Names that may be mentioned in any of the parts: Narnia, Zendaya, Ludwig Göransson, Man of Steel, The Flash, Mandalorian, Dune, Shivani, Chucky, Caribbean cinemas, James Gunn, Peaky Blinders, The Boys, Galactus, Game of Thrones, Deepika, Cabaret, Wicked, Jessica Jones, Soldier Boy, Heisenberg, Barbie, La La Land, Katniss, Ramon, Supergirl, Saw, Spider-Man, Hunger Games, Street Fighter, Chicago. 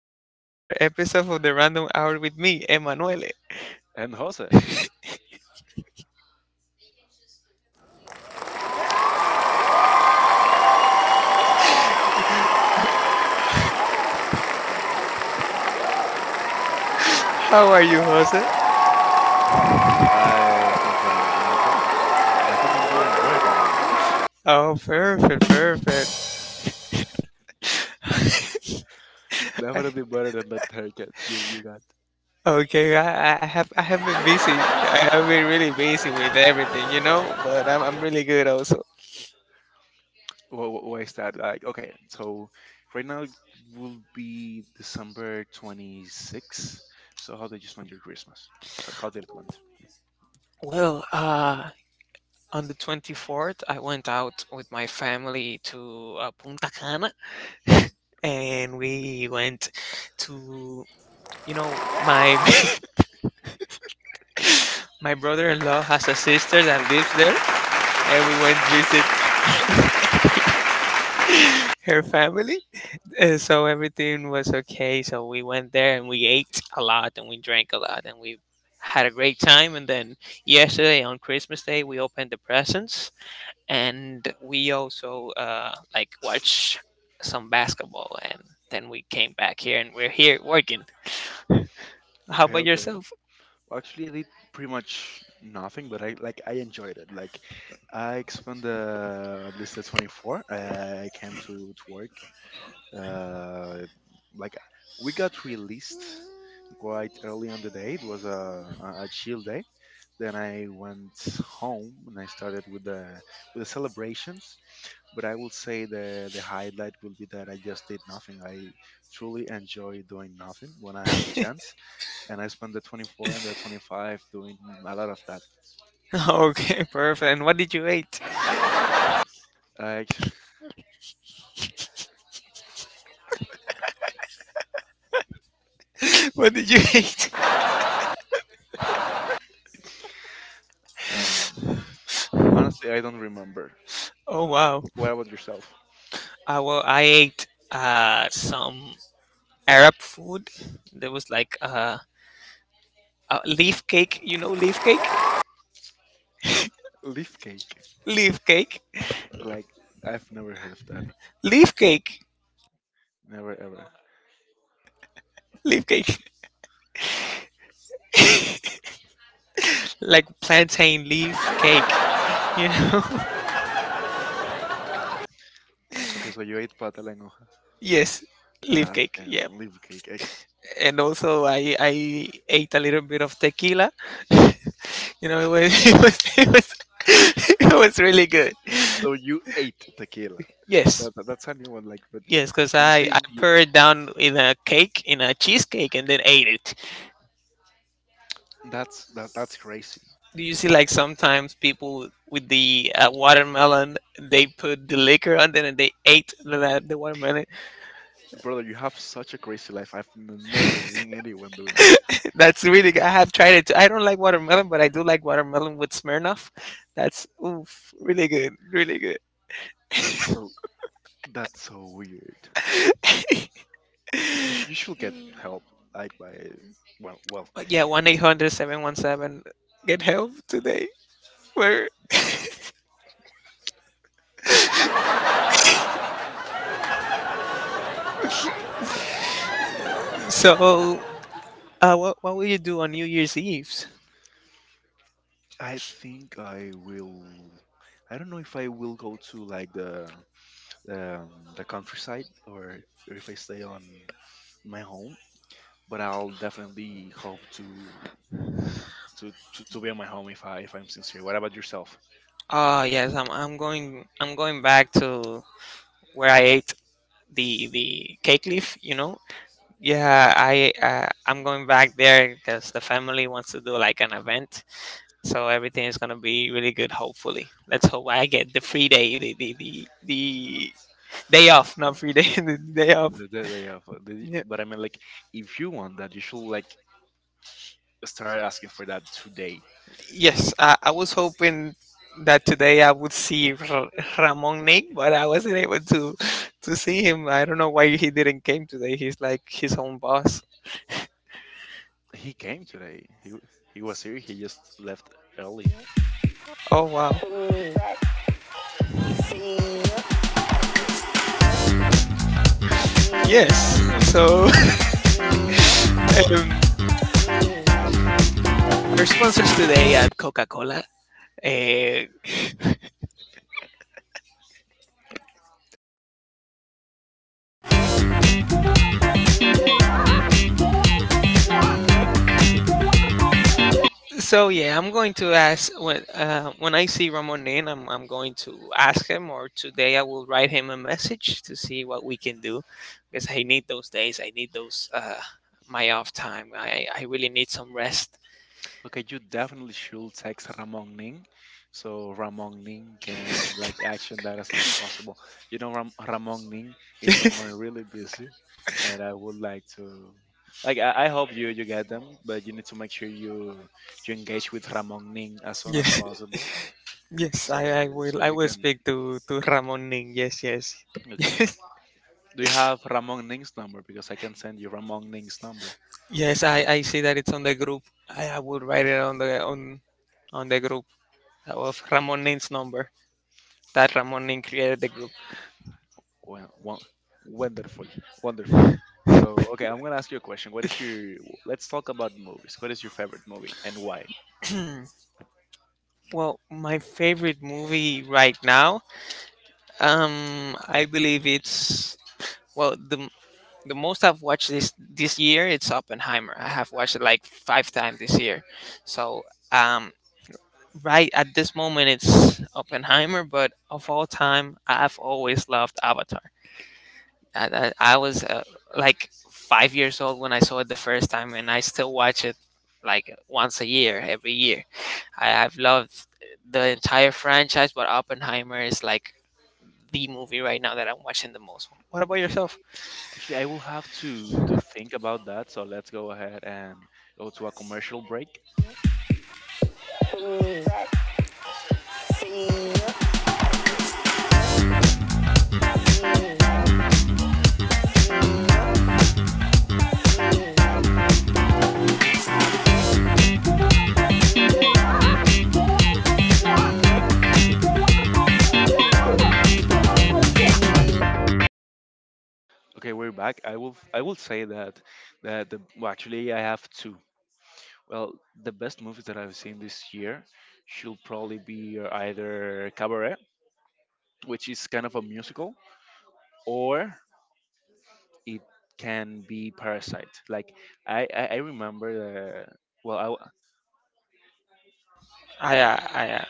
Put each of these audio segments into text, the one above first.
welcome back to another episode of the Random Hour with me, Emanuele. And Jose, How are you, Jose? I think I'm doing okay. I think I'm doing better than you. Oh, perfect, perfect. Definitely better than that haircut you got. Okay, I have I have been busy. I have been really busy with everything, but I'm really good also. What, why is that? Right now it will be December 26th. So how did you spend your Christmas? How did it went? Well, on the 24th, I went out with my family to Punta Cana and we went to my my brother-in-law has a sister that lives there and we went visit her family. And so everything was okay. So we went there and we ate a lot and we drank a lot and we had a great time. And then yesterday on Christmas Day, we opened the presents and we also like watched some basketball. And then we came back here and we're here working. How Okay, about okay. yourself? Actually, I did pretty much nothing, but I enjoyed it. Like, I spent at least the 24. I came to work uh, like we got released quite early on the day. It was a, a a chill day. Then I went home and I started with the celebrations. But I will say the highlight will be that I just did nothing. I truly enjoy doing nothing when I have the chance, and I spent the 24 and the 25 doing a lot of that. Okay, perfect. And what did you eat? I What did you eat? um, honestly I don't remember. Oh, wow. What about yourself? I ate some Arab food. There was like a leaf cake. You know, leaf cake, Leaf cake, leaf cake, like I've never heard of. leaf cake, Never ever. leaf cake, like plantain leaf cake. You know, Okay, so you ate pata la hoja. yes, leaf cake. Okay, Yeah, leaf cake. And also I ate a little bit of tequila. You know, it was it was really good. So you ate tequila. Yes. That's a new one. Like, but Yes, because when you I, say I you, poured it down in a cake, in a cheesecake, and then ate it. That's crazy, Do you see like sometimes people with the watermelon, they put the liquor on it and they ate the watermelon? brother. You have such a crazy life. I've never seen anyone doing that. That's really good. I have tried it too. I don't like watermelon, but I do like watermelon with Smirnoff. That's oof, really good, really good. That's so that's so weird. You, you should get help. Like by well, well. Yeah, one eight hundred seven one seven. Get help today. Where so What will you do on New Year's Eve? I think I will. I don't know if I will go to like um, the countryside or if I stay on my home, but I'll definitely hope to be on my home if I if I'm sincere. What about yourself? Ah, yes, I'm going back to where I ate the cake leaf, you know. Yeah, I I'm going back there because the family wants to do like an event, so everything is gonna be really good. Hopefully, let's hope I get the free day, the day off, not Yeah, free day, the day off. The day of the, Yeah. but I mean like if you want that, you should like start asking for that today. Yes, I was hoping that today I would see Ramon Nick, but I wasn't able to see him. I don't know why he didn't came today. He's like his own boss. He came today. He was here. He just left early. Oh, wow. Yes. So um, our sponsors today at Coca Cola. Uh, so yeah, I'm going to ask when I see Ramonin, I'm going to ask him, or today I will write him a message to see what we can do, because I need those days. I need those my off time. I really need some rest. Okay, you definitely should text Ramon Ning so Ramon Ning can like action that as soon as possible. You know, Ramon Ning is someone Yes, really busy, and I would like to I hope you get them, but you need to make sure you engage with Ramon Ning as soon as yes, possible. yes. So I so will I you will can. speak to Ramonin. Yes, yes, Okay. yes, Do you have Ramon Ning's number? Because I can send you Ramon Ning's number. yes. I see that it's on the group. I will write it on the group of Ramonin's number that Ramonin created the group. Well, well, wonderful, wonderful. So, okay, I'm gonna ask you a question. What is your? Let's talk about movies. What is your favorite movie and why? Well, my favorite movie right now, I believe it's well the the most I've watched this year. It's Oppenheimer. I have watched it like five times this year. So um, right at this moment, it's Oppenheimer. But of all time, I've always loved Avatar. I was like 5 years old when I saw it the first time, and I still watch it like once a year, every year. I've loved the entire franchise, but Oppenheimer is like the movie right now that I'm watching the most. What about Okay, yourself? actually, I will have to think about that. So let's go ahead and go to a commercial break. Okay, we're back. I will say that the, well, actually I have two. Well, the best movies that I've seen this year should probably be either Cabaret, which is kind of a musical, or it can be Parasite. I remember the well, I, uh, I, uh,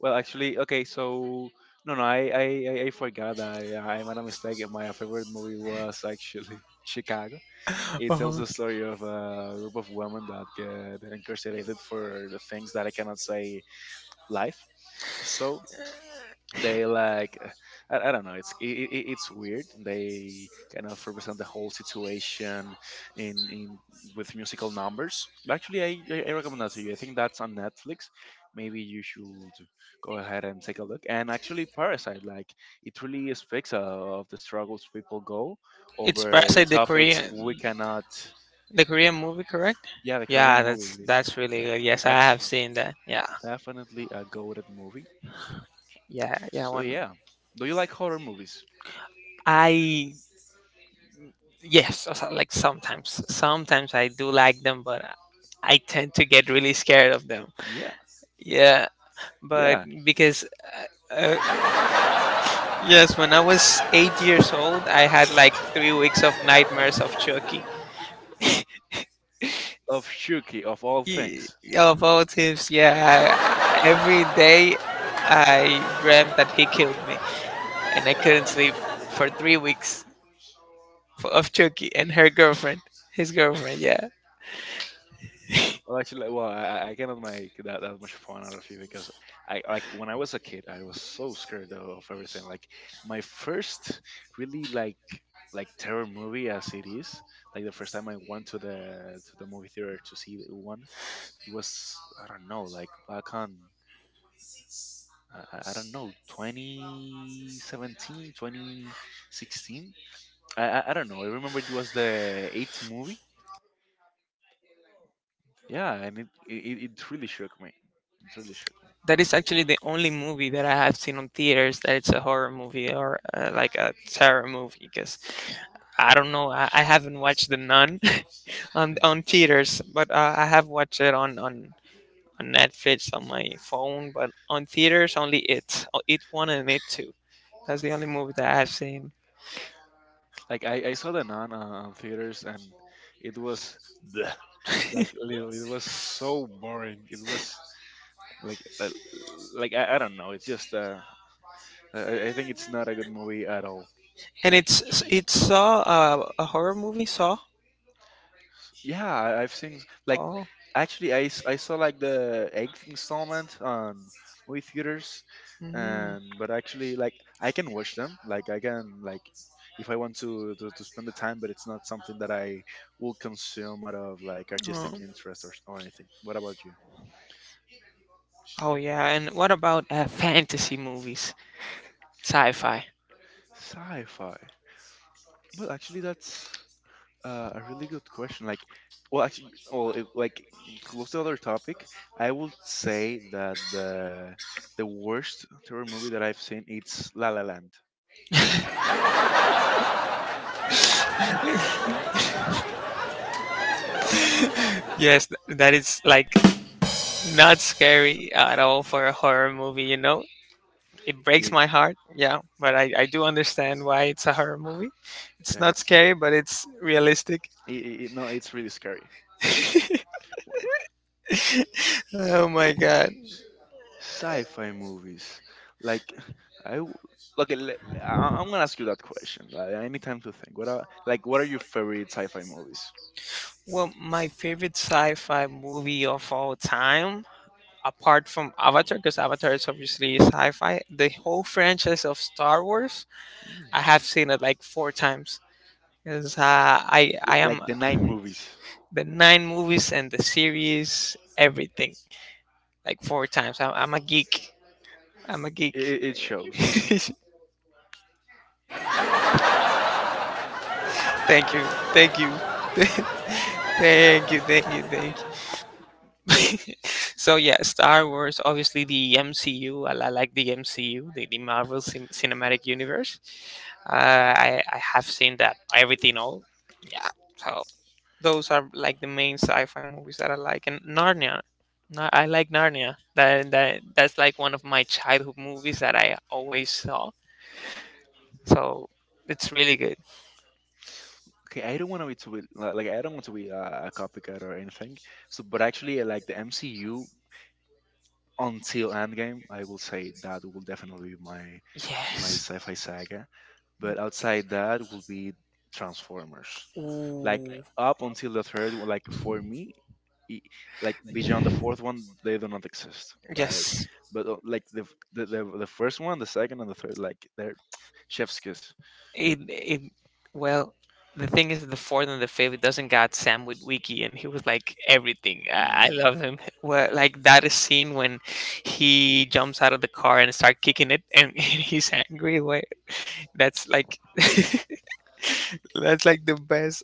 well actually okay. So no, no, I forgot. I made a mistake. My favorite movie was actually Chicago. It tells oh, the story of a group of women that get incarcerated for the things that I cannot say live. So they like I don't know, it's I it's weird. They kind of represent the whole situation in with musical numbers, but actually I recommend that to you. I think that's on Netflix. Maybe you should go ahead and take a look. And actually Parasite, like it really speaks of the struggles people go it's over Parasite, topics we cannot. the Korean movie, correct? Yeah, the Korean Yeah, movie. that's really uh, good. Yes, I that's have seen that. Yeah, definitely a goaded movie. yeah, yeah. So One yeah, do you like horror movies? I yes, like sometimes, sometimes I do like them, but I tend to get really scared of them. Yeah, Yeah, but yeah, because uh, uh, yes, when I was 8 years old, I had like 3 weeks of nightmares of Chucky. of Shuki of all Y- things. Of all tips, yeah, every day I dreamt that he killed me, and I couldn't sleep for 3 weeks of Chucky and her girlfriend, his girlfriend. Yeah. Well, actually, like, well, I cannot make that much fun out of you because I like when I was a kid, I was so scared of everything. Like my first really like terror movie as it is, like the first time I went to the movie theater to see one, it was I don't know, like back on I don't know, 2017 2016, I don't know. I remember it was the eighth movie. Yeah, and it really shook me. It really shook me. That is actually the only movie that I have seen on theaters that it's a horror movie or like a terror movie because I don't know, I haven't watched The Nun Then, on theaters, but I have watched it on Netflix on my phone, but on theaters only it, oh, it one and it two. That's the only movie that I've seen. like I saw The Nun on theaters and it was bleh, like literally it was so boring. It was like uh, like I don't know. It's just I think it's not a good movie at all. And Actually. it's Saw, a horror movie Saw. Yeah, I've seen like Oh. actually I saw like the eighth installment on movie theaters, Mm. and but actually like I can watch them, like I can like if I want to, to spend the time, but it's not something that I will consume out of like artistic interest or anything. What about you? Oh yeah, and what about fantasy movies, sci-fi? Sci-fi. Well, actually that's a really good question. Like, well, actually, well, it, like close to other topic, I would say that the worst terror movie that I've seen it's La La Land. Yes, that is like not scary at all for a horror movie. You know, it breaks It, my heart. Yeah, but I do understand why it's a horror movie. It's yeah, not it's scary, but it's realistic. No, it's really scary. Wha- Oh my god. Sci-fi movies, like I w- okay, I'm gonna ask you that question. Like, I need time to think. What are like what are your favorite sci-fi movies? Well, my favorite sci-fi movie of all time, apart from Avatar, because Avatar is obviously sci-fi, the whole franchise of Star Wars. Mm. I have seen it like four times because I I am Like the nine movies. the nine movies and the series, everything, like four times. I'm a geek. I'm a geek. It shows. Thank you, thank you, thank you, thank you, thank you. So yeah, Star Wars. Obviously, the MCU. I like the MCU, the Marvel Cinematic Universe. I have seen that everything all. Yeah. So those are like the main sci-fi movies that I like. And Narnia, I like Narnia. That that's like one of my childhood movies that I always saw. So it's really good. Okay, I don't want to be like I don't want to be a copycat or anything. So, but actually, like the MCU until Endgame, I will say that will definitely be my my Yes. sci-fi saga. But outside that will be Transformers. Like Ooh. up until the third one, like for me, i- like beyond the fourth one, they do not exist. Like, Yes. but like the first one, the second, and the third, like they're chef's kiss. It well. The thing is, the fourth and the fifth it doesn't got Sam with Wiki, and he was like everything. I love him. Well, like that scene when he jumps out of the car and start kicking it, and, he's angry. Wait, that's like that's like the best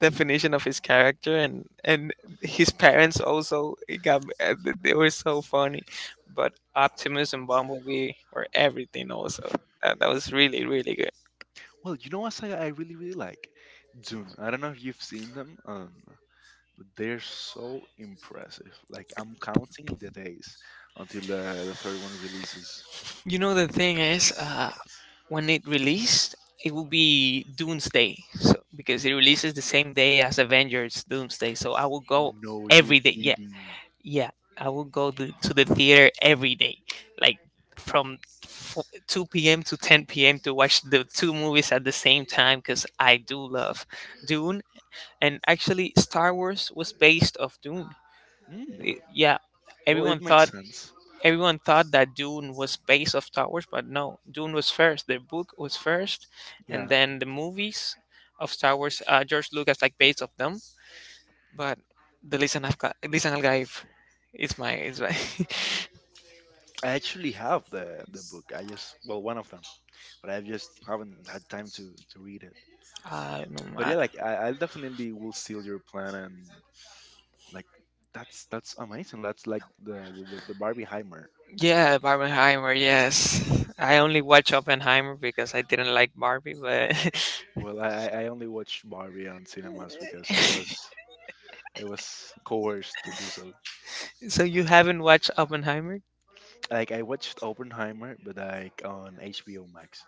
definition of his character, and his parents also it got they were so funny, but Optimus and Bumblebee were everything. Also, that was really really good. Well, you know what saga I really really like? Dune. I don't know if you've seen them, but they're so impressive. Like I'm counting the days until the third one releases. You know the thing is, when it released, it will be Doomsday, so because it releases the same day as Avengers Doomsday, so I will go No, you're every day. Yeah, kidding. yeah, I will go to the theater every day, like from fo 2 p.m. to 10 p.m. to watch the two movies at the same time because I do love Dune. And actually, Star Wars was based off Dune. Mm. Yeah, Well, it everyone makes thought sense. everyone thought that Dune was based off Star Wars, but no, Dune was first. The book was first, Yeah, and then the movies of Star Wars. George Lucas like based off them, but the Lisan Al-Ghaib is my I actually have the book. I just well one of them, but I just haven't had time to read it. uh, no, But I- yeah, like I definitely will steal your plan and like that's amazing. That's like the Barbieheimer. yeah, Barbenheimer. Yes, I only watch Oppenheimer because I didn't like Barbie. But Well, I only watched Barbie on cinemas because I was coerced to do so. so you haven't watched Oppenheimer? Like I watched Oppenheimer, but like on HBO Max,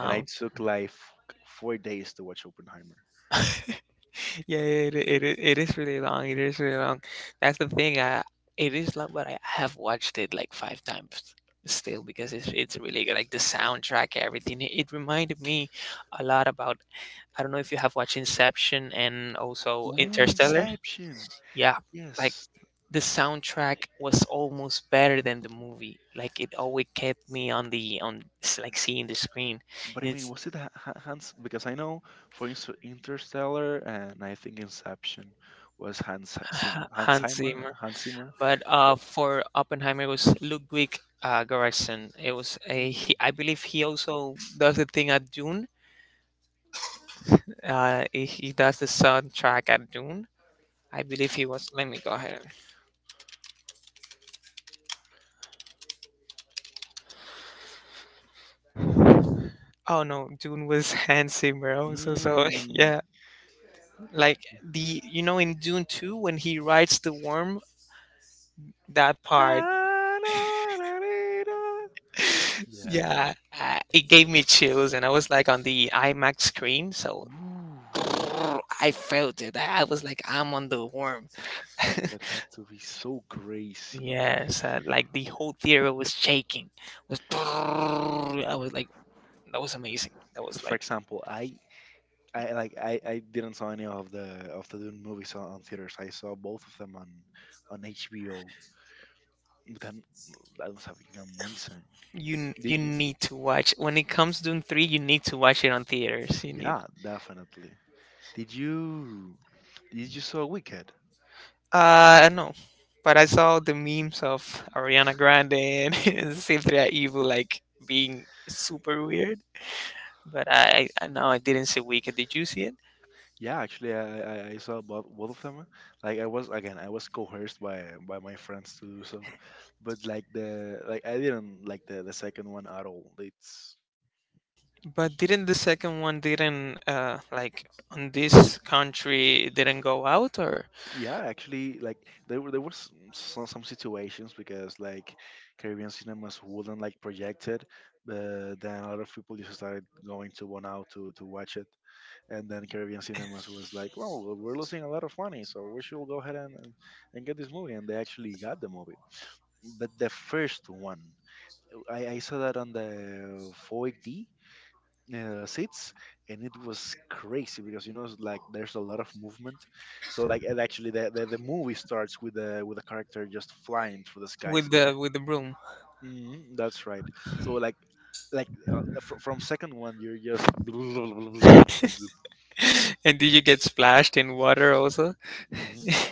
and I took like 4 days to watch Oppenheimer. yeah, yeah, it is really long. It is really long. That's the thing. It is long, but I have watched it like five times still because it's really good. Like the soundtrack, everything. It reminded me a lot about. I don't know if you have watched Inception and also Ooh, Interstellar. Inception. Yeah, like Yes, the soundtrack was almost better than the movie. Like it always kept me on like seeing the screen. but I mean, It's was it Hans? Because I know, for instance, Interstellar and I think Inception was Hans Zimmer. Hans Hans Zimmer. Zimmer, Hans Zimmer. but But, for Oppenheimer it was Ludwig Göransson. It was a he, mm. I believe he also does the thing at Dune. He does the soundtrack at Dune. I believe he was. Let me go ahead. Oh no, Dune was Hans Zimmer also. So Yeah. yeah, like the you know in Dune two when he rides the worm, that part. Ah, na, na, na, na. Yeah. Yeah, it gave me chills, and I was like on the IMAX screen, so Ooh, I felt it. I was like, I'm on the worm. that had to be so crazy. Yes, like the whole theater was shaking. Was I was like, that was amazing. That 'Cause was for like example, I didn't saw any of the Dune movies on theaters. I saw both of them on HBO. But then that was fucking amazing. Did you need to watch when it comes to Dune three. You need to watch it on theaters. You need. yeah, definitely. Did you did you saw Wicked? No, but I saw the memes of Ariana Grande and Cynthia Evil like being super weird. But I no, I didn't see Wicked. Did you see it? Yeah, actually, I saw both of them. Like I was again, I was coerced by my friends to do so, but like the like I didn't like the second one at all. It's But didn't the second one didn't like on this country didn't go out or yeah, actually, like there was some situations because like Caribbean cinemas wouldn't like project it, but then a lot of people just started going to one out to watch it, and then Caribbean cinemas was like, well, we're losing a lot of money, so we should go ahead and get this movie, and they actually got the movie. But the first one I saw that on the 4D seats, and it was crazy because you know it's like there's a lot of movement. So like, and actually the movie starts with the with a character just flying through the skies. With the broom? Hmm, that's right. So like from second one you're just And did you get splashed in water also? hmm,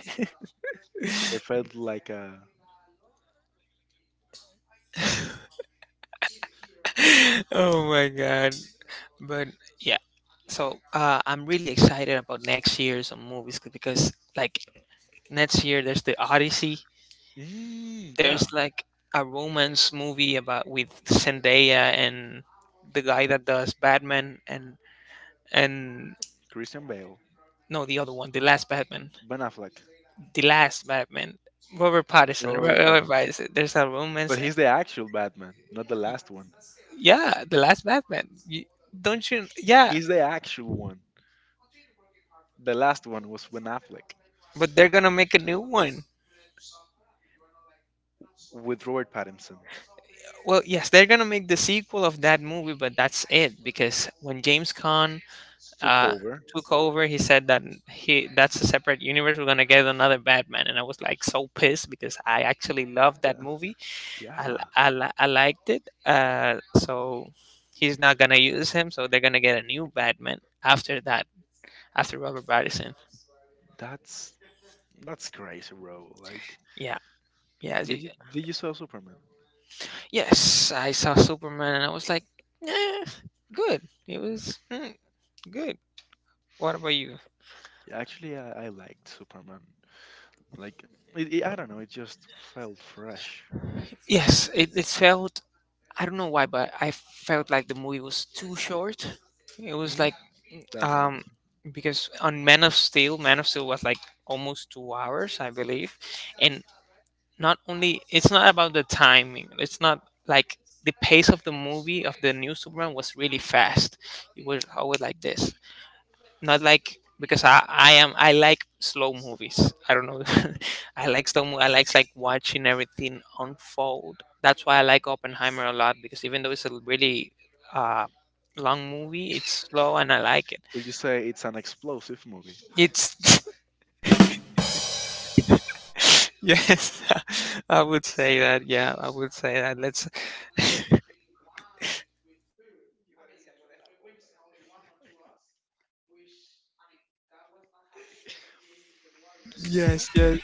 it felt like a Oh my god! But yeah, so I'm really excited about next year's on movies because like next year there's the Odyssey. Mm, There's yeah, like a romance movie about with Zendaya and the guy that does Batman and Christian Bale, no, the other one, the last Batman, Ben Affleck, the last Batman, Robert Pattinson Robert Robert Pattinson. Pattinson there's a But romance. he's the actual Batman, not the last one. Yeah, the last Batman you, don't you yeah, He's the actual one. The last one was Ben Affleck but they're gonna make a new one. with Robert Pattinson. Well, yes, they're gonna make the sequel of that movie, but that's it because when James Caan Took uh, over. took over, he said that he that's a separate universe. We're gonna get another Batman, and I was like so pissed because I actually loved that movie. Yeah, I liked it. So he's not gonna use him. So they're gonna get a new Batman after that, after Robert Pattinson. that's that's crazy, bro. Like, Yeah, yeah, y- y- did you saw Superman? yes, I saw Superman, and I was like, eh, good. It was hmm, good. What about you? Yeah, actually, I liked Superman. Like, I don't know, it just felt fresh. Yes, it felt— I don't know why, but I felt like the movie was too short. It was Hmm. like um Definitely. because on Man of Steel was like almost 2 hours, I believe. And not only— it's not about the timing. It's not like— the pace of the movie of the new Superman was really fast. It was always like this, not like— because I am I like slow movies. I don't know. I like slow. I like watching everything unfold. That's why I like Oppenheimer a lot because even though it's a really uh, long movie, it's slow and I like it. Would you say it's an explosive movie? It's yes, I would say that. Yeah, I would say that. Let's— yes, yes,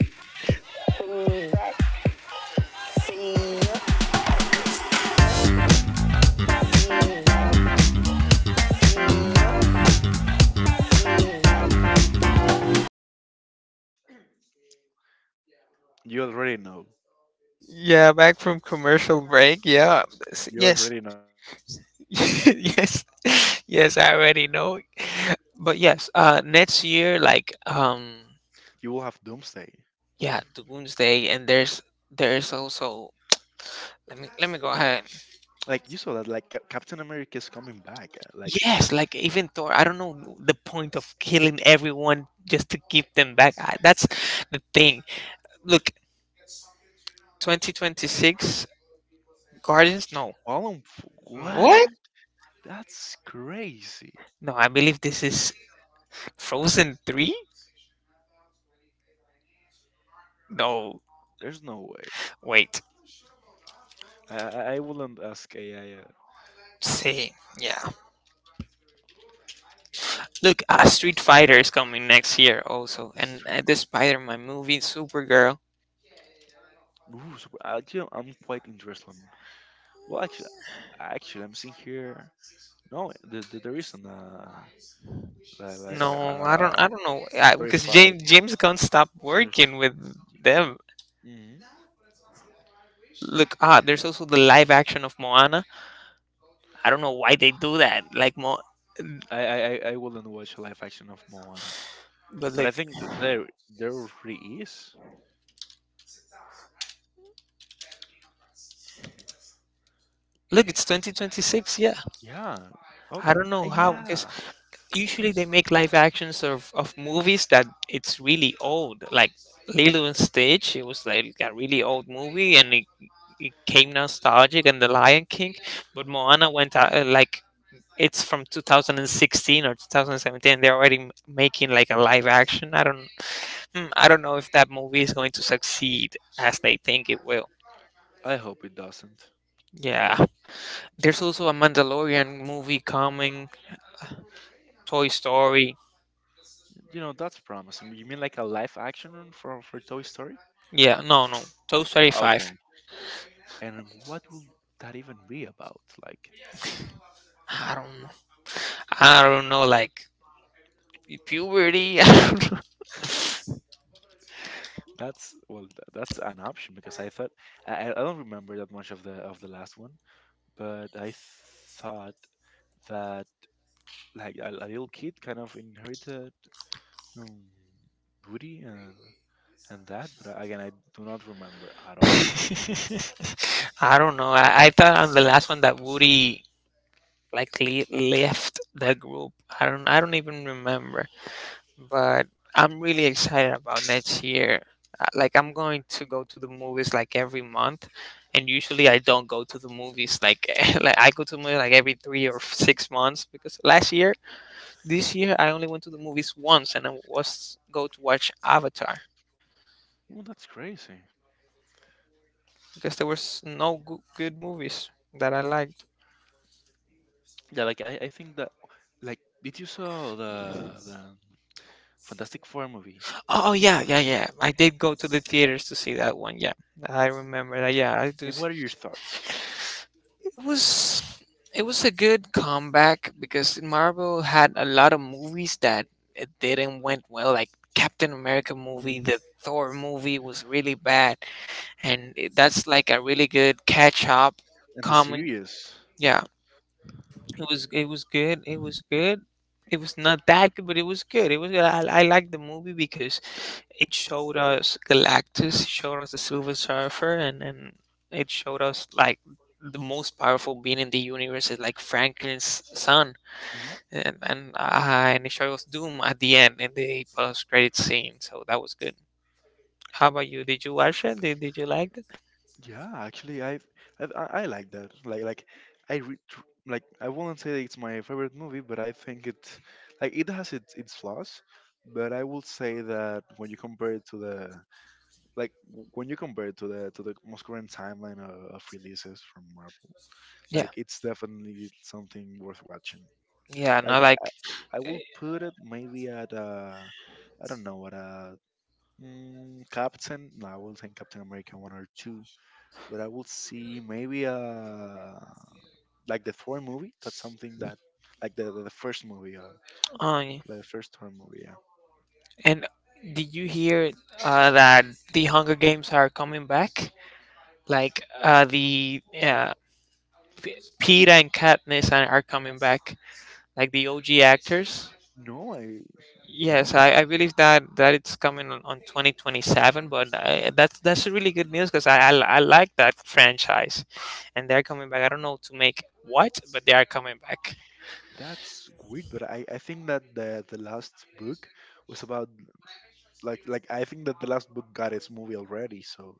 You already know. yeah. Back from commercial break. Yeah, You yes. already know. Yes, yes, I already know. But yes, next year like um, You will have Doomsday. yeah, doomsday, and there's— there's also, let me go ahead. Like you saw that, like Captain America is coming back. Like Yes, like even Thor, I don't know the point of killing everyone just to keep them back. I, that's the thing. Look, 2026, guardians, no. Colin, What? what? That's crazy. No, I believe this is Frozen 3. No, There's no way. wait, I wouldn't ask AI. See. Yeah. Look, Street Fighter is coming next year also, The and street. The Spider-Man movie, Supergirl. Ooh, so actually, I'm quite interested. On, well, actually, actually, I'm seeing here. No, there isn't a like No, a I don't know, I, because verified James Gunn stopped search. working with them. Hmm. Look, ah, there's also the live action of Moana. I don't know why they do that. Like Mo— I wouldn't watch live action of Moana, but but look, I think there there really is. look, it's 2026. Yeah, Yeah. I Okay. don't know how because Yeah. usually they make live actions of movies that it's really old, like Lilo and Stitch. It was like a really old movie, and it came nostalgic, and the Lion King. But Moana went out like it's from 2016 or 2017. They're already making like a live action. I don't— hmm, I don't know if that movie is going to succeed as they think it will. I hope it doesn't. Yeah, there's also a Mandalorian movie coming. Toy Story. You know, that's promising. You mean like a live action one for Toy Story? Yeah, no, no, Toy Story five. Okay. And what will that even be about? Like I don't know. I don't know. Like puberty. that's well, that's an option because I thought I don't remember that much of the last one, but I thought that like a little kid kind of inherited um, Woody and that, but again, I do not remember at all. I don't know. I thought on the last one that Woody like left the group. I don't even remember, but I'm really excited about next year. Like I'm going to go to the movies like every month, and usually I don't go to the movies like like I go to movies like every 3 or 6 months. Because last year— this year I only went to the movies once, and I was go to watch Avatar Well, that's crazy. because there was no good movies that I liked. Yeah, like I think that like did you saw the Fantastic Four movie? Oh yeah, yeah, yeah, I did go to the theaters to see that one. Yeah, I remember that. Yeah, I do. And what are your thoughts? It was it was a good comeback because Marvel had a lot of movies that it didn't went well. Like Captain America movie, Mm. the Thor movie was really bad, and that's like a really good catch up. And the Common, series. yeah. It was good. It was good. It was not that good, but it was good. It was good. I liked the movie because it showed us Galactus, showed us the Silver Surfer, and it showed us like the most powerful being in the universe is like Franklin's son, Hmm. and and uh, and it showed us Doom at the end in the post credit scene. So that was good. How about you? Did you watch it? Did you like it? Yeah, actually, I like that. Like I re tr- like I won't say it's my favorite movie, but I think it like it has its flaws. But I would say that when you compare it to the like when you compare it to the most current timeline of releases from Marvel, Yeah, like it's definitely something worth watching. yeah. Like No, like, I, I will put it maybe at I don't know at a Captain. No, I will say Captain America one or two but I will see maybe like the Thor movie. That's something that like the first movie, uh, the first Thor movie. Yeah. and did you hear that the Hunger Games are coming back? Like Peter and Katniss are coming back, like the OG actors. No, I no. Yes, I believe that it's coming on 2027, but that's a really good news because I like that franchise, and they're coming back. I don't know to make what, but they are coming back. That's weird, but I think that the last book was about like I think that the last book got its movie already, so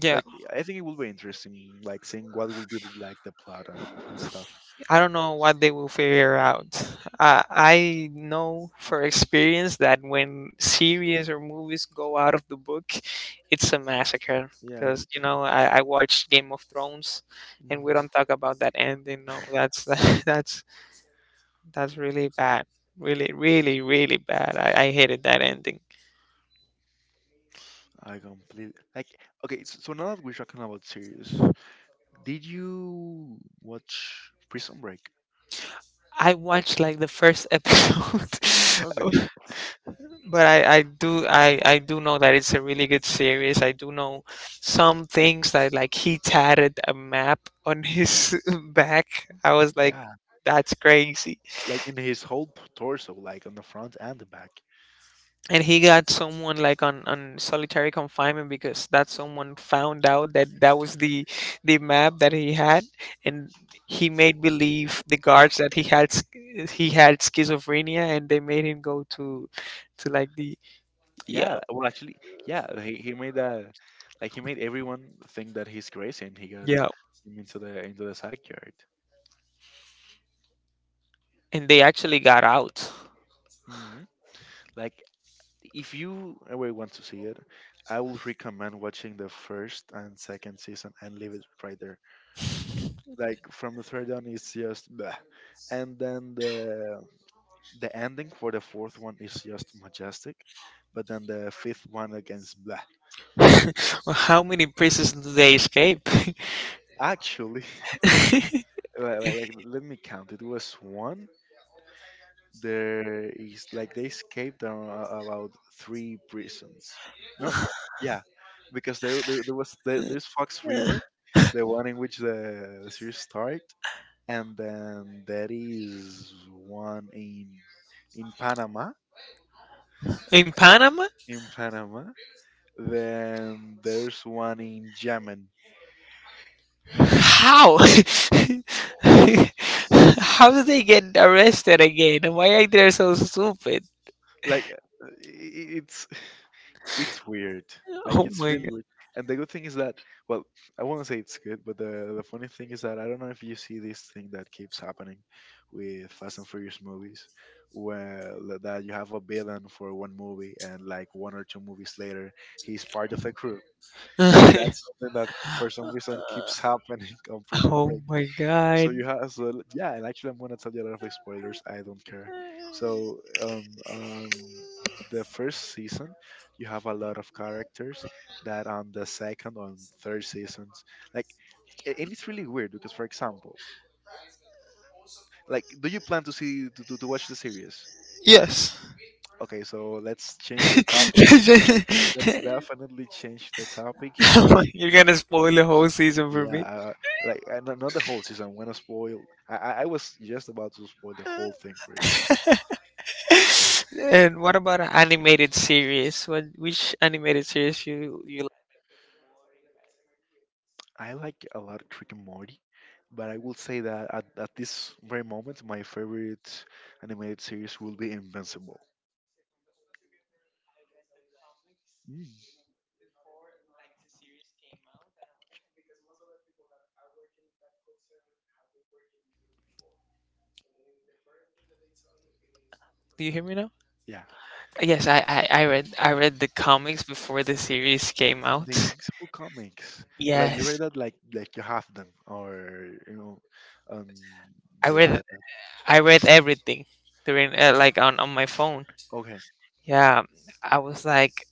Yeah, like I think it will be interesting like seeing what will be the, like the plot and stuff. I don't know what they will figure out. I know for experience that when series or movies go out of the book, it's a massacre. Yeah, Because it- you know, I watched Game of Thrones, and we don't talk about that ending. No, that's that's— that's really bad. Really, really, really bad. I hated that ending. I completely like okay. So now that we're talking about series, did you watch Prison Break? I watched like the first episode, Okay, but I do know that it's a really good series. I do know some things, that like he tatted a map on his back. I was like, yeah, that's crazy. like in his whole torso, like on the front and the back. And he got someone like on solitary confinement because that someone found out that that was the map that he had, and he made believe the guards that he had schizophrenia, and they made him go to— to like the— yeah, Yeah, well, actually, yeah, he made that like he made everyone think that he's crazy, and he got yeah, him into the psych yard. and they actually got out. Hmm. Like, if you ever want to see it, I will recommend watching the first and second season and leave it right like from the third one it's just bleh. And then the ending for the fourth one is just majestic but then the fifth one against blah Well, how many prisons do they escape? actually like, let me count it was one there is like they escaped about three prisons no yeah, yeah because there's Fox River the one in which the series start and then there is one in Panama In Panama. in Panama. Then there's one in Yemen. How? How did they get arrested again? Why are they so stupid? Like it's it's weird. Like Oh it's my really weird. And the good thing is that well, I won't say it's good, but the funny thing is that I don't know if you see this thing that keeps happening with Fast and Furious movies, where that you have a villain for one movie and like one or two movies later he's part of the crew. god. That's something that for some reason keeps happening on Prison oh Break. my So god. you have yeah, and actually I'm gonna tell you a lot of spoilers. I don't care. So the first season you have a lot of characters that on the second on third seasons like and it's really weird because for example like do you plan to see to watch the series Yes. okay so let's change the topic let's definitely change the topic here You're gonna spoil the whole season for yeah me. Like not not the whole season I'm gonna spoil I was just about to spoil the whole thing for you And what about an animated series? What— which animated series you you like? I like a lot of Rick and Morty, but I will say that at this very moment, my favorite animated series will be Invincible. Mm. Do you hear me now? Yeah, Yes, I read the comics before the series came the out. Invincible comics. But like you read Yes. that, like you have them, or you know, on I your read iPad. I read everything during like on my phone. Okay, Yeah, I was like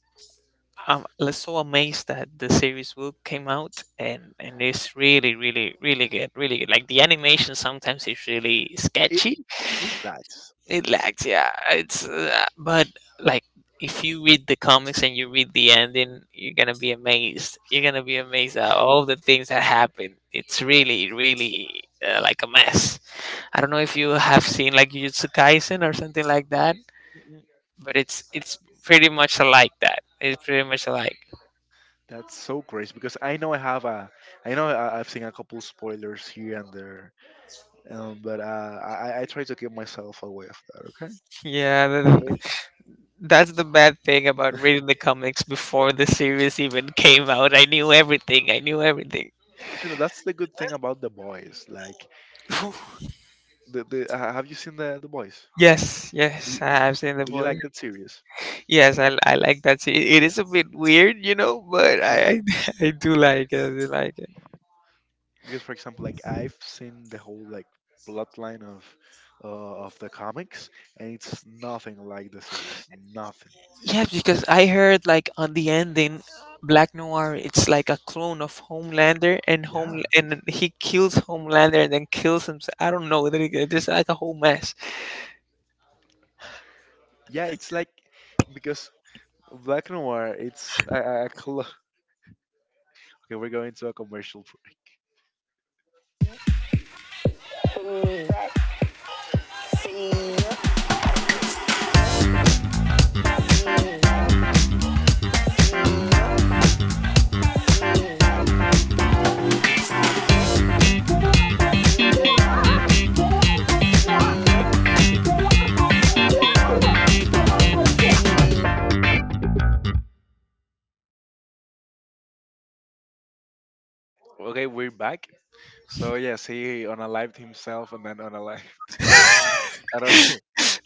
um, like, so amazed that the series book came out, and it's really really really good, really good. Like the animation sometimes is really it sketchy. it lags. It lags, yeah. It's but like if you read the comics and you read the ending, you're gonna be amazed. You're gonna be amazed at all the things that happen. It's really really like a mess. I don't know if you have seen like Jujutsu Kaisen or something like that, Mm, mm. but it's pretty much like that. It's pretty much alike. That's so crazy because I know I have a I know I've seen a couple spoilers here and there. But I try to keep myself away of that. Okay, Yeah, great. That's the bad thing about reading the comics before the series even came out. I knew everything. I knew everything. You know that's the good thing about the boys. Like, the have you seen the boys? Yes, Do yes, you, I have seen the do you boy. like that series? Yes, I like that. It is a bit weird, you know, but Yeah, I do like it. I do like it. because for example, like I've seen the whole like bloodline of the comics, and it's nothing like the series. Nothing. Yeah, because I heard like on the ending, Black Noir, it's like a clone of Homelander, and Yeah, home and he kills Homelander and then kills himself. I don't know. There's like a whole mess. yeah, it's like because Black Noir. It's a okay. We're going to a commercial break. Okay, we're back. So yes, he unalived himself and then unalived. I don't.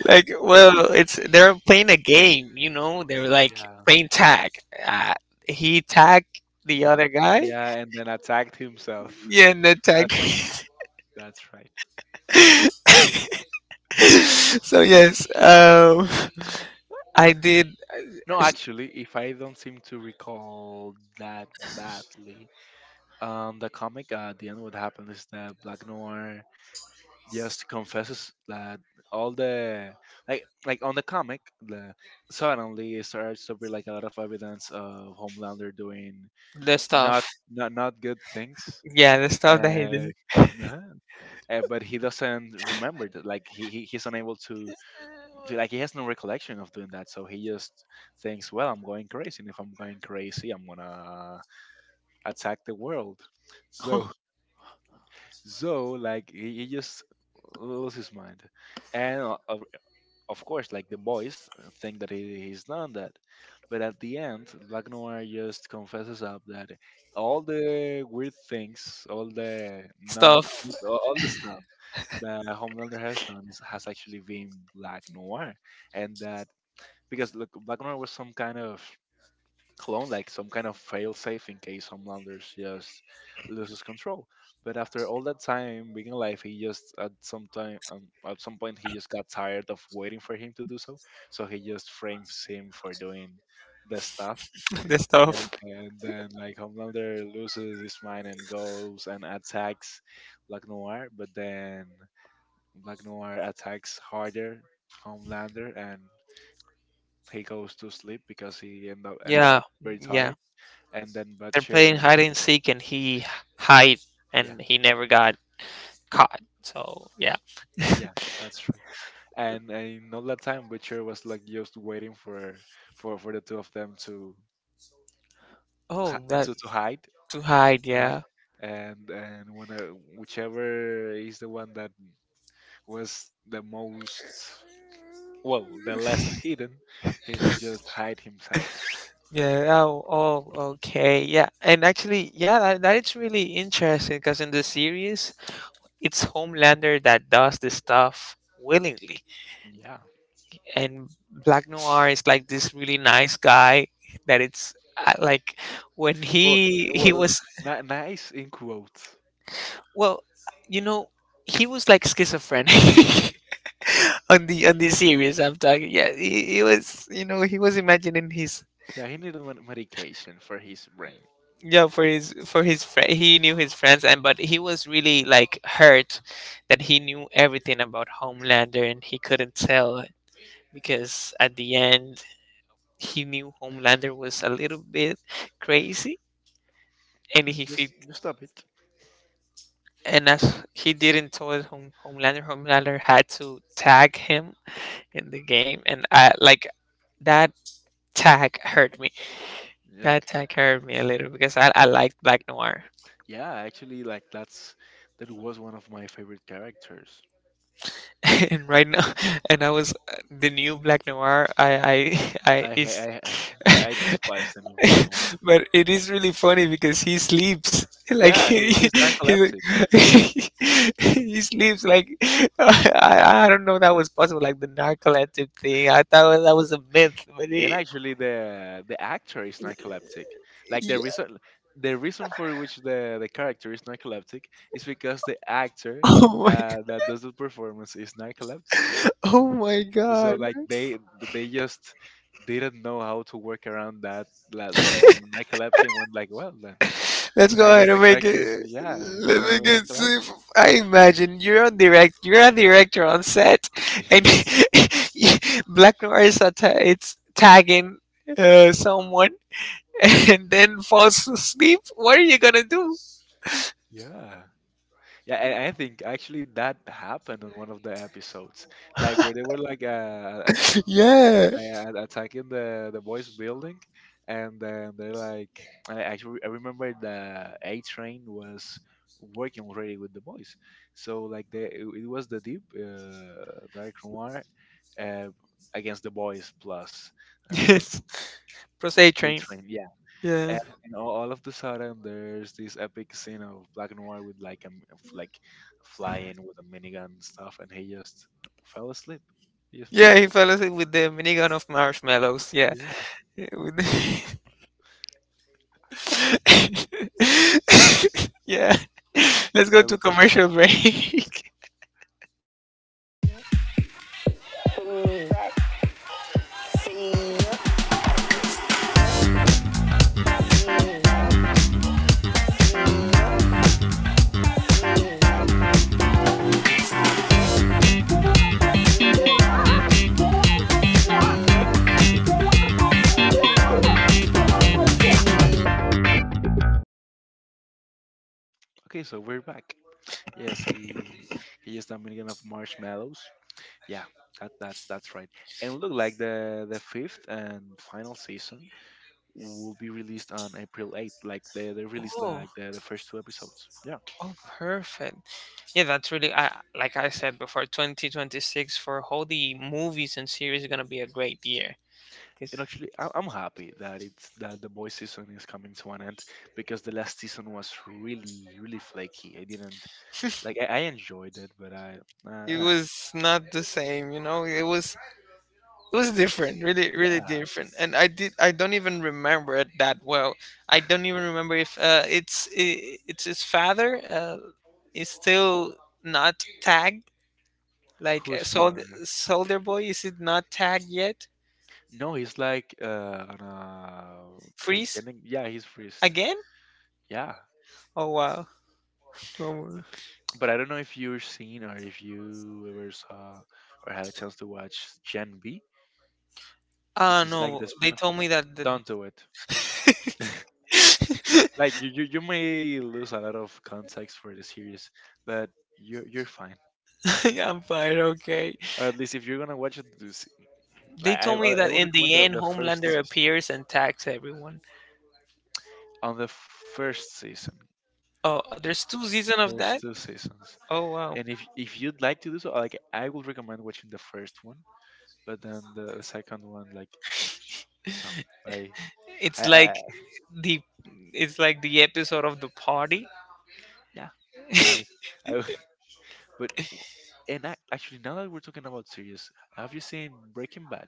Like, well, it's— they're playing a game, you know. They're like Yeah, playing tag. Uh, he tagged the other guy. yeah, and then attacked himself. Yeah, and then tagged. That's right. That's right. So yes, I did— No, actually, if I don't seem to recall that badly, the comic at the end, what happened is that Black Noir just confesses that all the like on the comic, the suddenly it starts to be like a lot of evidence of Homelander doing the not stuff. not not good things. Yeah, the stuff that he Uh, did. uh but he doesn't remember that. Like he's unable to like he has no recollection of doing that. So he just thinks, well, I'm going crazy. And if I'm going crazy, I'm gonna attack the world. So so like he just loses his mind. And of course, like the boys think that he's done that. But at the end, Black Noir just confesses up that all the weird things, all the not, stuff. all the stuff the Homelander has done is, has actually been Black Noir, and that because look, Black Noir was some kind of clone, like some kind of failsafe in case Homelander just loses control. But after all that time being alive, he just at some time at some point he just got tired of waiting for him to do so, so he just frames him for doing the stuff. the stuff. And then like Homelander loses his mind and goes and attacks Black Noir, but then Black Noir attacks harder Homelander and he goes to sleep because he ends Yeah, up very yeah. tired. And then They're playing Butcher, hide and seek, and he hide, yeah, and he never got caught. So yeah. yeah, that's right. And in all that time, Butcher was like just waiting for for the two of them to Oh, that— to hide, to hide. right? Yeah, And when whichever is the one that was the most well, the less hidden, he will just hide himself. yeah. Oh, oh, okay. Yeah, and actually, yeah, that is really interesting because in the series, it's Homelander that does this stuff willingly, Yeah. and Black Noir is like this really nice guy that it's like when Well, he well, was— nice in quotes. Well, you know, he was like schizophrenic on the series I'm talking. Yeah, he was. You know, he was imagining his— Yeah, he needed medication for his brain. yeah, for his friend. He knew his friends, and but he was really like hurt that he knew everything about Homelander, and he couldn't tell because at the end he knew Homelander was a little bit crazy, and he. He Just stop it. and as he didn't tell Homelander, Homelander had to tag him in the game, and I like that tag hurt me. Yeah, That tag hurt me a little because I liked Black Noir, yeah, actually, like that's that was one of my favorite characters. and right now, and I was— the new Black Noir. I I I, I, is— I, I despise the new Black Noir. but it is really funny because he sleeps like Yeah, he's he, narcoleptic. he sleeps like I don't know that was possible, like the narcoleptic thing. I thought that was a myth, but And it— actually the actor is narcoleptic like Yeah. The reason for which the character is narcoleptic is because the actor Oh my! That does the performance is narcoleptic Oh my so God! like they just didn't know how to work around that like the narcolepsy and went like well then Let's I go guess ahead the and make it. characters, yeah it's Let gonna me be get see. narcoleptic. I imagine you're on direct. You're a director on set, and Black Noir is it's tagging someone, and then falls asleep. What are you gonna do? Yeah yeah and I think actually that happened on one of the episodes like where they were like Yeah. Attacking the boys building and then they're like I actually I remember the A train was working already with the boys so like the it was the deep dark noir uh, against the boys plus uh, Yes. Crusade A train. train yeah Yeah. And all of the sudden there's this epic scene of Black Noir with like a like flying with a minigun and stuff and he just fell asleep he just Yeah, he fell asleep with the minigun of marshmallows. Yeah. yeah Yeah, yeah. Let's go yeah to with the commercial break. okay so we're back. Yes, he used a million of marshmallows. Yeah, that's that's right. And look, like the fifth and final season will be released on April 8th. Like they released like Oh. The first two episodes. Yeah, Oh, perfect. Yeah, that's really, like I said before, 2026 for all the movies and series is going to be a great year because and actually I'm happy that it's that the boy season is coming to an end because the last season was really really flaky. I didn't like I enjoyed it, but I uh, it uh, was not the same, you know? It was different, really really yeah, different. And I don't even remember it that well. I don't even remember if it's his father is still not tagged like whose father? Soldier Boy, is it not tagged yet? No, he's like on a Freeze cryogenic. Yeah, he's freezed. again? Yeah, Oh wow. Oh, but I don't know if you've seen or if you ever saw or had a chance to watch Gen B, ah, which is like no, the they spin-off. told me that the Don't do it. Like you may lose a lot of context for the series, but you're fine. Yeah, I'm fine, okay. Or at least if you're gonna watch it, They I I told me I I that would in recommend the end, the first Homelander season. appears and tags everyone. On the first season, Oh, there's two season of there's that. two seasons. Oh wow, And if you'd like to do so, like I would recommend watching the first one, but then the second one, like no, I, I, it's I like I- the it's like the episode of the party. yeah, like I, w- but w- and I, actually now that we're talking about series, have you seen Breaking Bad?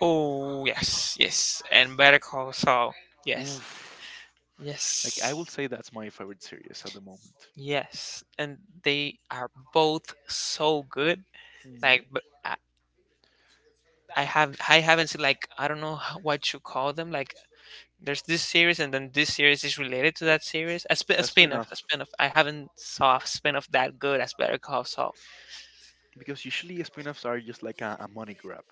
Oh yes, yes, and Better Call Saul. Yes, Oof. Like I will yes, say that's my favorite series at the moment. yes, and they are both so good. Mhm. Like, but I haven't seen, like I don't know what you call them. Like there's this series and then this series is related to that series. A A a spin-off spin-off. I haven't saw a spin-off that good as Better Call Saul. because usually spin-offs are just like a money grab,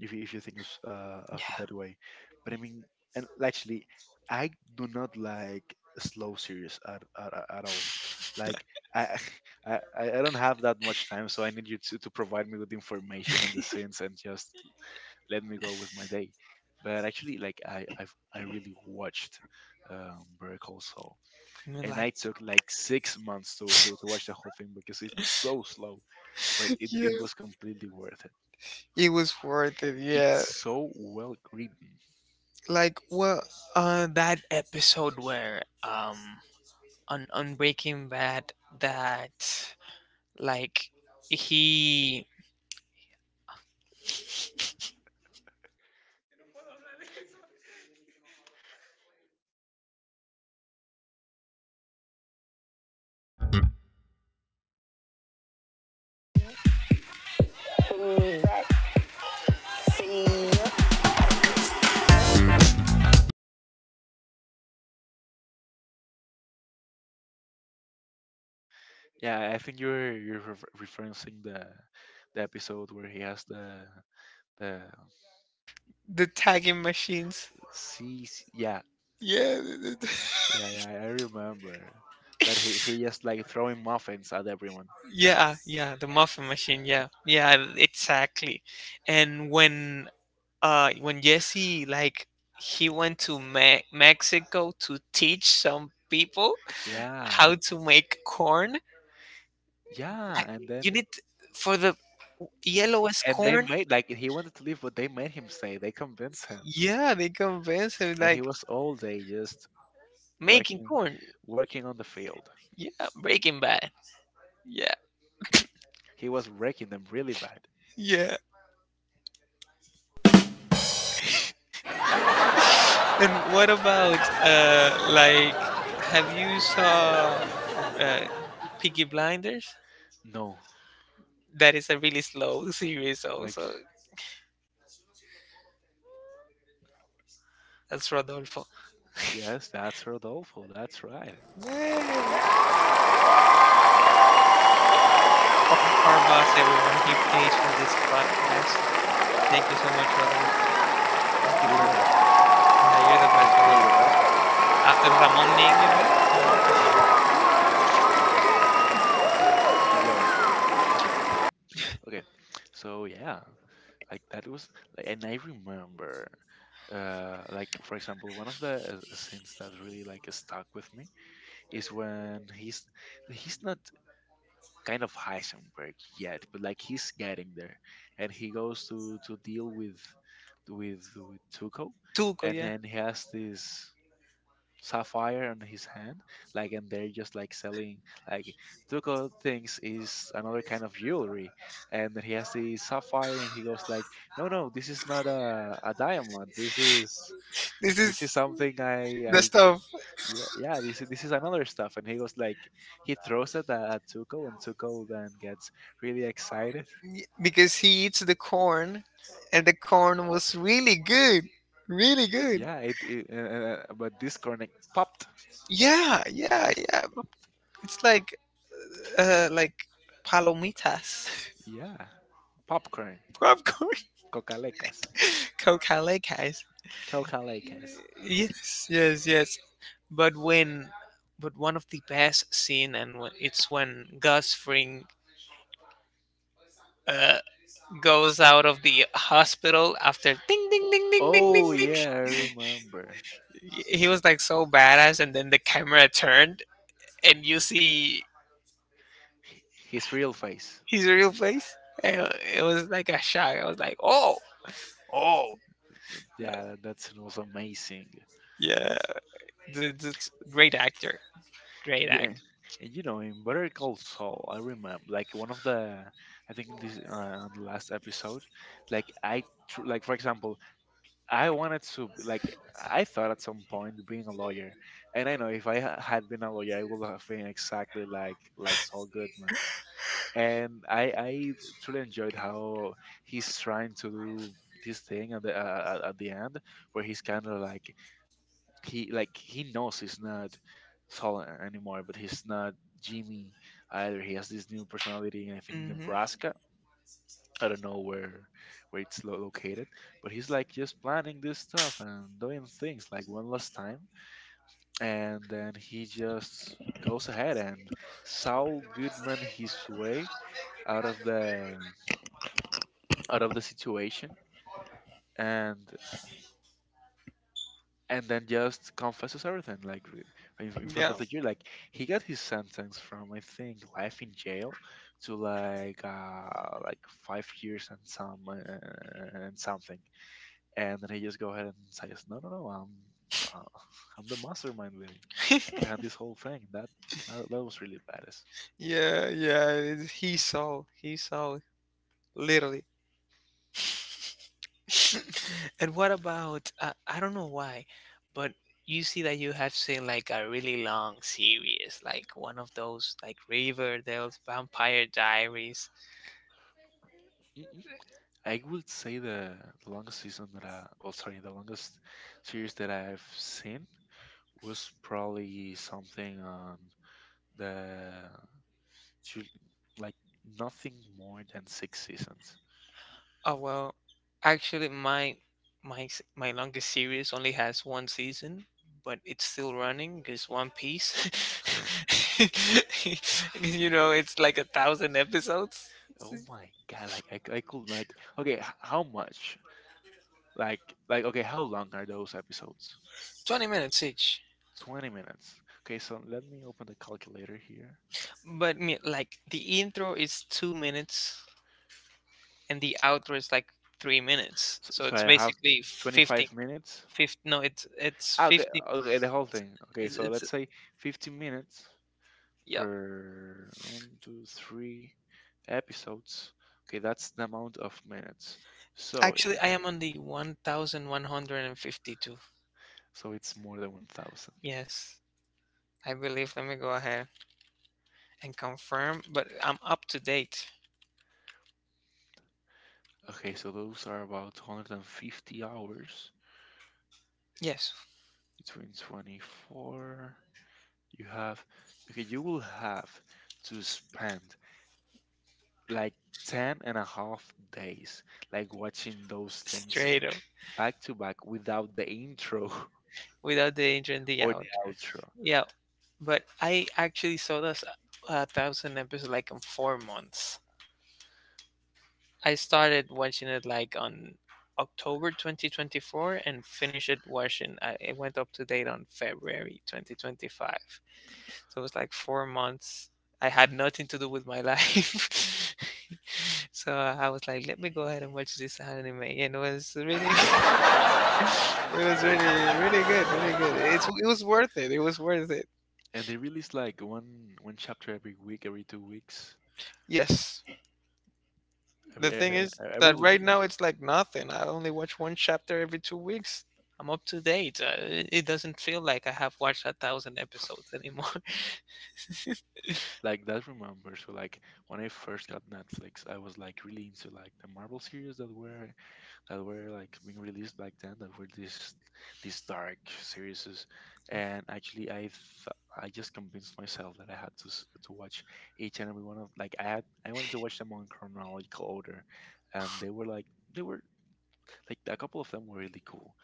if you think of it Yeah, that way. But I I mean, and actually, I do not like slow series at all. Like I, I don't have that much time, so I need you to provide me with information and the scenes and just let me go with my day. But actually, like I really watched Better Call Saul, mean, and I like, took like 6 months to watch the whole thing because it's so slow, but it, yeah, it was completely worth it. it was worth it. It's Yeah, so well written. like well, that episode where on Breaking Bad that like he Yeah, I think you're referencing the episode where he has the the tagging machines. sea. Yeah, Yeah. Yeah, yeah. I remember that he he just like throwing muffins at everyone. Yeah, yeah, the muffin machine. Yeah, yeah, exactly. And when Jesse like he went to Mexico to teach some people Yeah, how to make corn, yeah, I- and then you need t- for the yellowest and they corn. made like he wanted to leave, but they made him stay. They convinced him, Yeah, they convince him and like he was all day just making working corn. working on the field. Yeah, Breaking Bad. Yeah, He was wrecking them really bad. yeah. And what about like have you saw uh Piggy Blinders? No, That is a really slow series, like also. That's Rodolfo. yes, that's Rodolfo. That's right. Yay! Our, our boss, everyone, he pays for this podcast. Thank you so much, Rodolfo. Thank You're the you best, Rodolfo. for, You're yeah, you're the best, truly the Rodolfo. best. After Ramon name, you know, but Mm. Enjoy it. Enjoy it. Okay, so yeah, like that was, like, and I remember, like for example, one of the scenes that really like stuck with me is when he's not kind of Heisenberg yet, but like he's getting there, and he goes to deal with with Tuco, Tuco, and yeah. then he has this sapphire on his hand, like, and they're just like selling like Tuco thinks is another kind of jewelry, and then he has the sapphire, and he goes like, no, no, this is not a diamond, This this is is something the I stuff yeah, yeah, this is another stuff. And he goes like, he throws it at Tuco, and Tuco then gets really excited. Because he eats the corn, and the corn was really good, really good. Yeah, it but this corn popped, Yeah, yeah, just yeah. pop. It's like palomitas, Yeah, popcorn, popcorn, cocalecas, cocalejas. cocalecas. Yes, yes, yes. But when, but one of the best scene, and when, it's when Gus Fring uh, goes out of the hospital after ding, ding, ding, ding, ding, Oh ding, ding. yeah, I remember He was like so badass, and then the camera turned, and you see his real face. his real face. And it was like a shock. I was like, oh, oh, Yeah, that that scene was amazing. yeah, the great actor. Great Yeah, act. and you know, in Better Call Saul, I remember like one of the, I think this on the last episode, like I tr- like for example, I wanted to b- like I thought at some point being a lawyer, and I know if I ha- had been a lawyer, I would have been exactly like Saul Goodman, and I truly enjoyed how he's trying to do this thing at the end where he's kind of like he knows he's not Saul anymore, but he's not Jimmy either. He has this new personality, and I think in Hmm. Nebraska. I don't know where it's lo- located, but he's like just planning this stuff and doing things like one last time, and then he just goes ahead and Saul Goodman his way out of the out of the situation, and and then just confesses everything like re- in front Yeah. of the jury like he got his sentence from I think life in jail to like 5 years and some and something and then he just go ahead and says no no no I'm uh, I'm the mastermind behind behind this whole thing that that was really badass. Yeah, yeah. He saw. He saw. Literally. And what about, I don't know why, but you see that you have seen like a really long series, like one of those like Riverdale's Vampire Diaries. Mm-mm. I would say the longest season that I well sorry the longest series that I've seen was probably something on the to like nothing more than six seasons. Oh well, actually my longest series only has one season, but it's still running. It's One Piece. You know, it's like a thousand episodes. It's Oh my god! Like I, c- I could like okay, h- how much? Like like okay, how long are those episodes? 20 minutes each. 20 minutes. Okay, so let me open the calculator here. But like the intro is 2 minutes and the outro is like 3 minutes. So, So so it's I have basically 15, 25 minutes. 15, no, it's Ah, okay, 50. okay, the whole thing. Okay, so It's let's say 15 minutes yeah. per one, two, three episodes. Okay, that's the amount of minutes. So, Actually, okay. I am on the 1152. So it's more than 1,000. Yes, I believe. Let me go ahead and confirm, but I'm up to date. Okay, so those are about 150 hours Yes, between 24. You have, okay, you will have to spend like 10 and a half days, like watching those things straight up back to back without the intro without the intro and the or out. the outro. Yeah, but I actually saw this a thousand episodes like in 4 months. I started watching it like on October 2024 and finished it watching. I, it went up to date on February 2025. So it was like 4 months. I had nothing to do with my life. So I was like, let me go ahead and watch this anime. And it was really, it was really, really good, really good. It's, it was worth it. It was worth it. And they release like one chapter every week, every 2 weeks. Yes. The Every e- thing e- is e- that every week. right now it's like nothing. I only watch one chapter every 2 weeks. I'm up to date. It it doesn't feel like I have watched a thousand episodes anymore. Like that remember. So like when I first got Netflix, I was like really into like the Marvel series that were like being released back then. That were these dark series, and actually I th- I just convinced myself that I had to s- to watch each and every one of like I had I wanted to watch them on chronological order, and they were like a couple of them were really cool.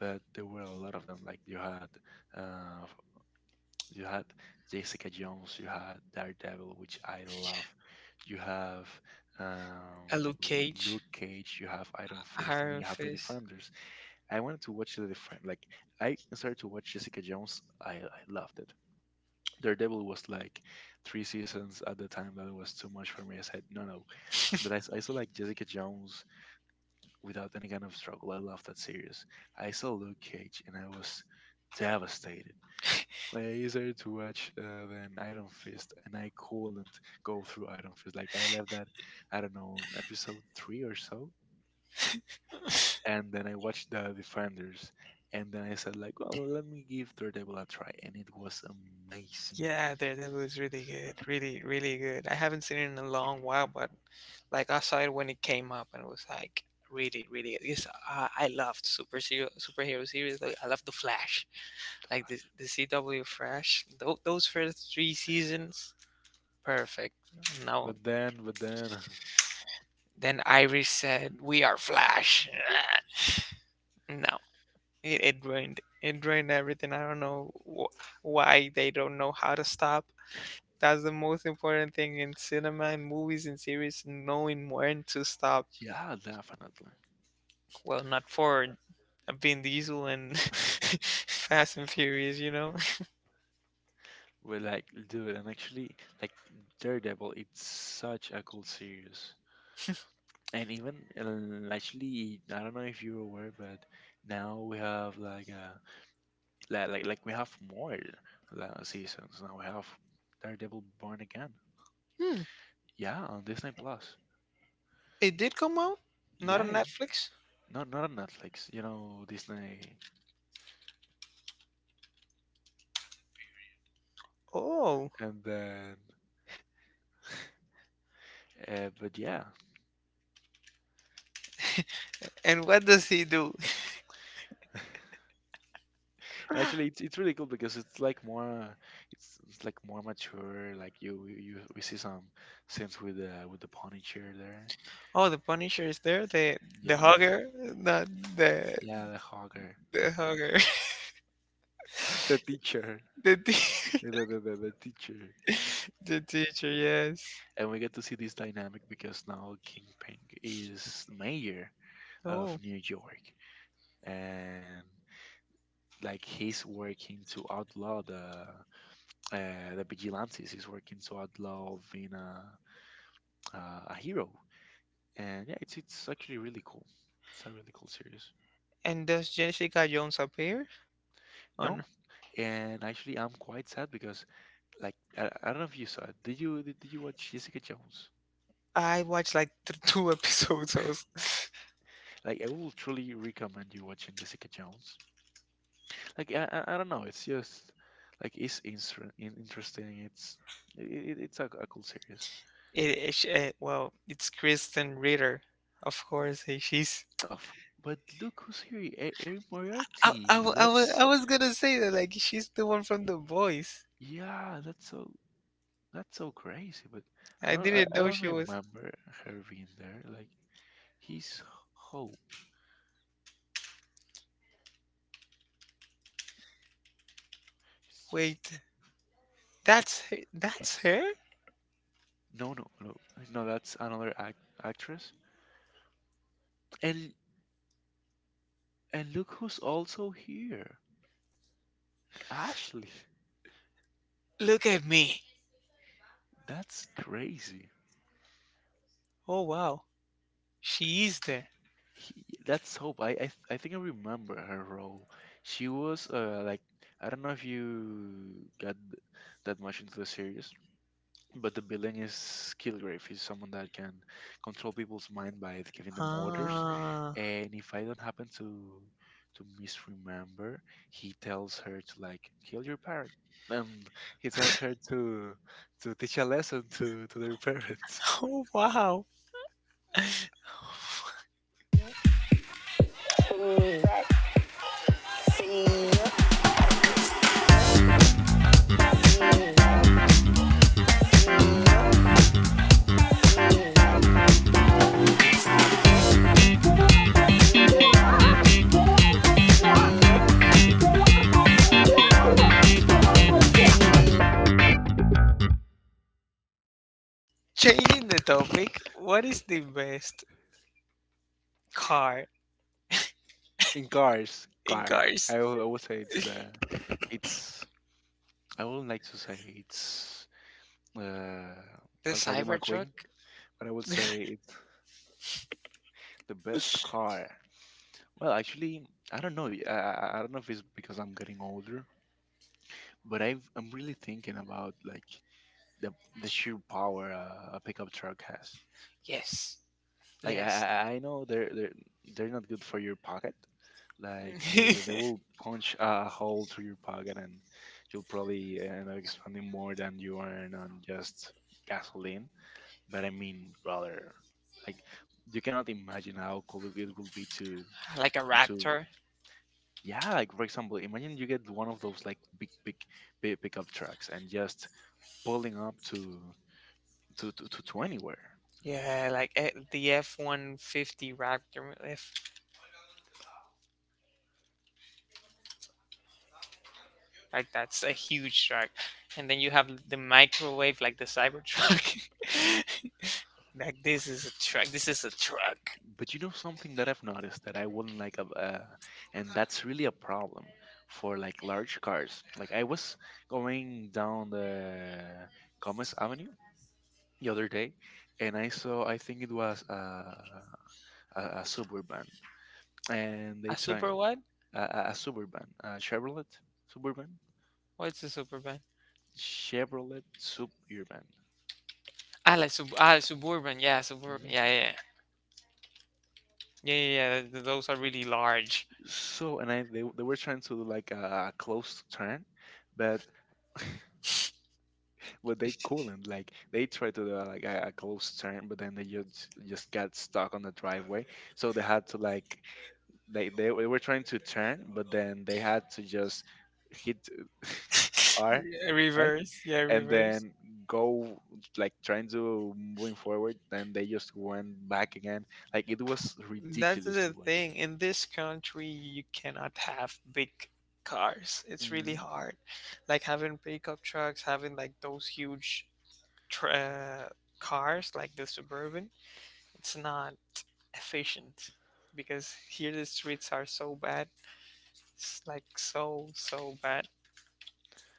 But there were a lot of them. Like you had, uh, you had Jessica Jones, you had Daredevil, which I love. You have um, A Luke Cage. Luke Cage, you have Iron Fist, and Iron then you have the Fist. Defenders. I wanted to watch the Defenders. Like, I started to watch Jessica Jones, I loved it. Daredevil was like three seasons at the time that was too much for me. I said, no, no. But I, s- I saw like Jessica Jones without any kind of struggle. I loved that series. I saw Luke Cage and I was devastated. Like, I decided to watch then Iron Fist, and I couldn't go through Iron Fist. Like I left that, I don't know, episode three or so, and then I watched the Defenders, and then I said like, well, let me give Daredevil a try, and it was amazing. Yeah, Daredevil is really good. Really, really good. I haven't seen it in a long while, but like I saw it when it came up and it was like really, really good. Yes, I loved superhero series. Like, I love the Flash. The Like Flash. the CW Flash. Those first three seasons, perfect. No. But then, but then, Then Iris said, we are Flash. No. It ruined everything. I don't know why they don't know how to stop. That's the most important thing in cinema and movies and series, knowing when to stop. yeah, definitely. Well, not for Vin Diesel and Fast and Furious, you know? But like, dude, and actually, like Daredevil, it's such a cool series, and even actually I don't know if you're aware but now we have like like we have more la- seasons. Now we have Daredevil Born Again, Hmm. yeah, on Disney Plus. It did come out? Not on Yeah, Netflix? not not on Netflix, you know, Disney. Oh. And then but yeah And what does he do? actually it's really cool because it's like more it's like more mature like you we see some scenes with the Punisher there Oh, the Punisher is there. The yeah hugger, not the yeah the Hawker. the hugger. The teacher, The te- the teacher. the teacher, yes. And we get to see this dynamic because now Kingpin is mayor Oh, of New York, and like he's working to outlaw the vigilantes. He's working to outlaw being a hero, and yeah, it's actually really cool. It's a really cool series. and does Jessica Jones appear? On No, and actually, I'm quite sad because like I don't know if you saw it. Did you watch Jessica Jones? I watched like two episodes, also. Like I will truly recommend you watching Jessica Jones. Like I don't know. It's just like it's instr- in- interesting. It's a cool series. Well, it's Kristen Ritter, of course. She's, Oh, f- but look who's here, E- Erin Moriarty. I That's was gonna say that like she's the one from The Boys. yeah, that's so crazy. But I didn't I know she don't was. remember her being there. Like he's Hope. It's Wait, Jessica. that's her, that's her. No, No. That's another act- actress. And and look who's also here, Ashley. Look at me. That's crazy. Oh wow, she is there. He, that's Hope. I think I remember her role. She was like I don't know if you got that much into the series, but the villain is Kilgrave. He's someone that can control people's mind by giving them orders. Ah, And if I don't happen to misremember, he tells her to like kill your parent. Um, he tells her to teach a lesson to their parents oh wow. Changing the topic. What is the best car in cars. in Car. cars? I will say it's the it's I would like to say it's uh, The El Rayo Cybertruck. McQueen, but I would say it's the best car. Well, actually, I don't know. Y- I don't know if it's because I'm getting older, but I'm really thinking about like the the sheer power a pickup truck has. Yes, Like I, yes. I I know they're not good for your pocket. Like they will punch a hole through your pocket, and you'll probably end up spending more than you earn on just gasoline. But I mean, brother, like you cannot imagine how cool it would be Like a to Raptor. yeah. Like for example, imagine you get one of those like big pickup trucks and just pulling up to anywhere. Yeah, like the F-150 Raptor, if like that's a huge truck. And then you have the microwave, like the Cybertruck. Like this is a truck. This is a truck. But you know something that I've noticed that I wouldn't like, and that's really a problem for like large cars. Like I was going down the Gomez Avenue the other day, and I saw I think it was a Suburban and A they super tried what? A Suburban, a Chevrolet Suburban, What's a Superban? Chevrolet Suburban. I like sub ah, Suburban. Yeah, Suburban. Yeah, yeah. Yeah, yeah, yeah. Those are really large. So and I they were trying to do like a close turn, but but they couldn't. Like they tried to do like a close turn, but then they just got stuck on the driveway. So they had to like they were trying to turn, but then they had to just hit are, Yeah, right? reverse. Yeah, And reverse. then go like trying to moving forward, and they just went back again. Like it was That's ridiculous the to thing. watch. In this country, you cannot have big cars. It's really Mhm. hard. Like having pickup trucks, having like those huge tr- uh, cars, like the Suburban, it's not efficient because here the streets are so bad. It's like so, so bad.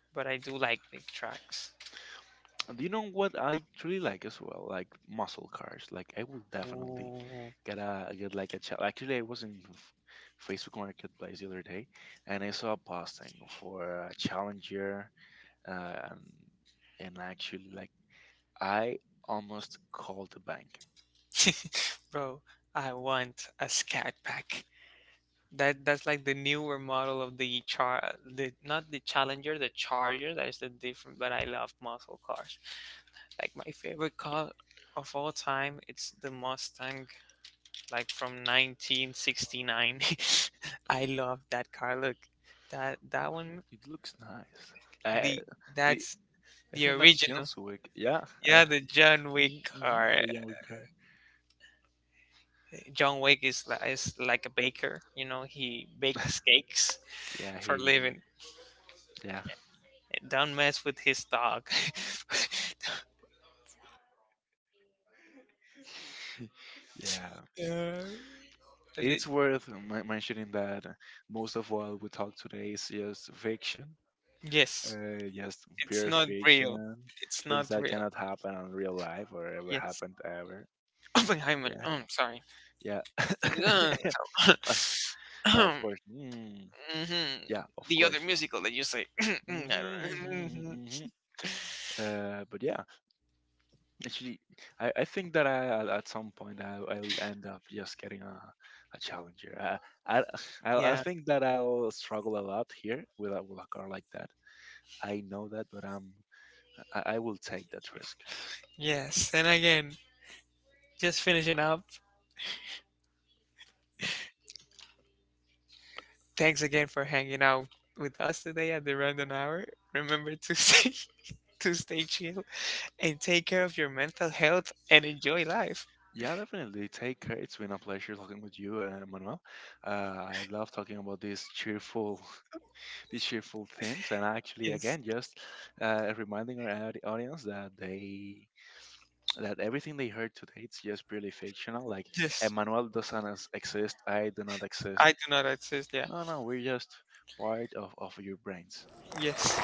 But I do like big trucks. Do you know what I truly like as well? Like muscle cars. Like I will definitely Ooh. get a get like a challenge. Actually, I was in F- Facebook Marketplace the other day, and I saw a posting for a challenger, uh, and, and actually, like I almost called the bank. Bro, I want a scat pack. That that's like the newer model of the not the Challenger, the Charger. That is the different. But I love muscle cars. Like my favorite car of all time, it's the Mustang, like from 1969. I love that car. Look, that one, It looks nice. the I that's it, the I think that's original. Janswick. Yeah, Yeah, I, the John Wick mm mm, car. the Janswick car. John Wick is like a baker. You know, he bakes cakes Yeah, for a he. living. Yeah, Don't mess with his dog. yeah. uh, the- It's worth men- mentioning that most of what we talk today is just fiction, yes, just it's not pure real. fiction, It's not things real. that cannot happen in real life or ever Yes. happened ever. Oppenheimer. Oh, Yeah, I'm sorry. yeah. Uh, No, of course. Mm, mhm. yeah, The of other course. musical that you say. I don't know. Hmm. But yeah, actually, I think that I I'll- at some point I'll end up just getting a challenger. I, Yeah. I think that I'll struggle a lot here with a car like that. I know that, but I will take that risk. Yes. And again, just finishing up. Thanks again for hanging out with us today at the Random Hour. Remember to stay to stay chill and take care of your mental health and enjoy life. Yeah, definitely. Take care. It's been a pleasure talking with you, Manuel. Uh, I love talking about these cheerful, these cheerful themes, and actually, Yes. again, just reminding our audi- audience that they that everything they heard today it's just purely fictional. Like Yes, Emmanuel doesn't as- exist, I do not I exist. do not exist. Yeah. No, no, we're just part of your brains. Yes.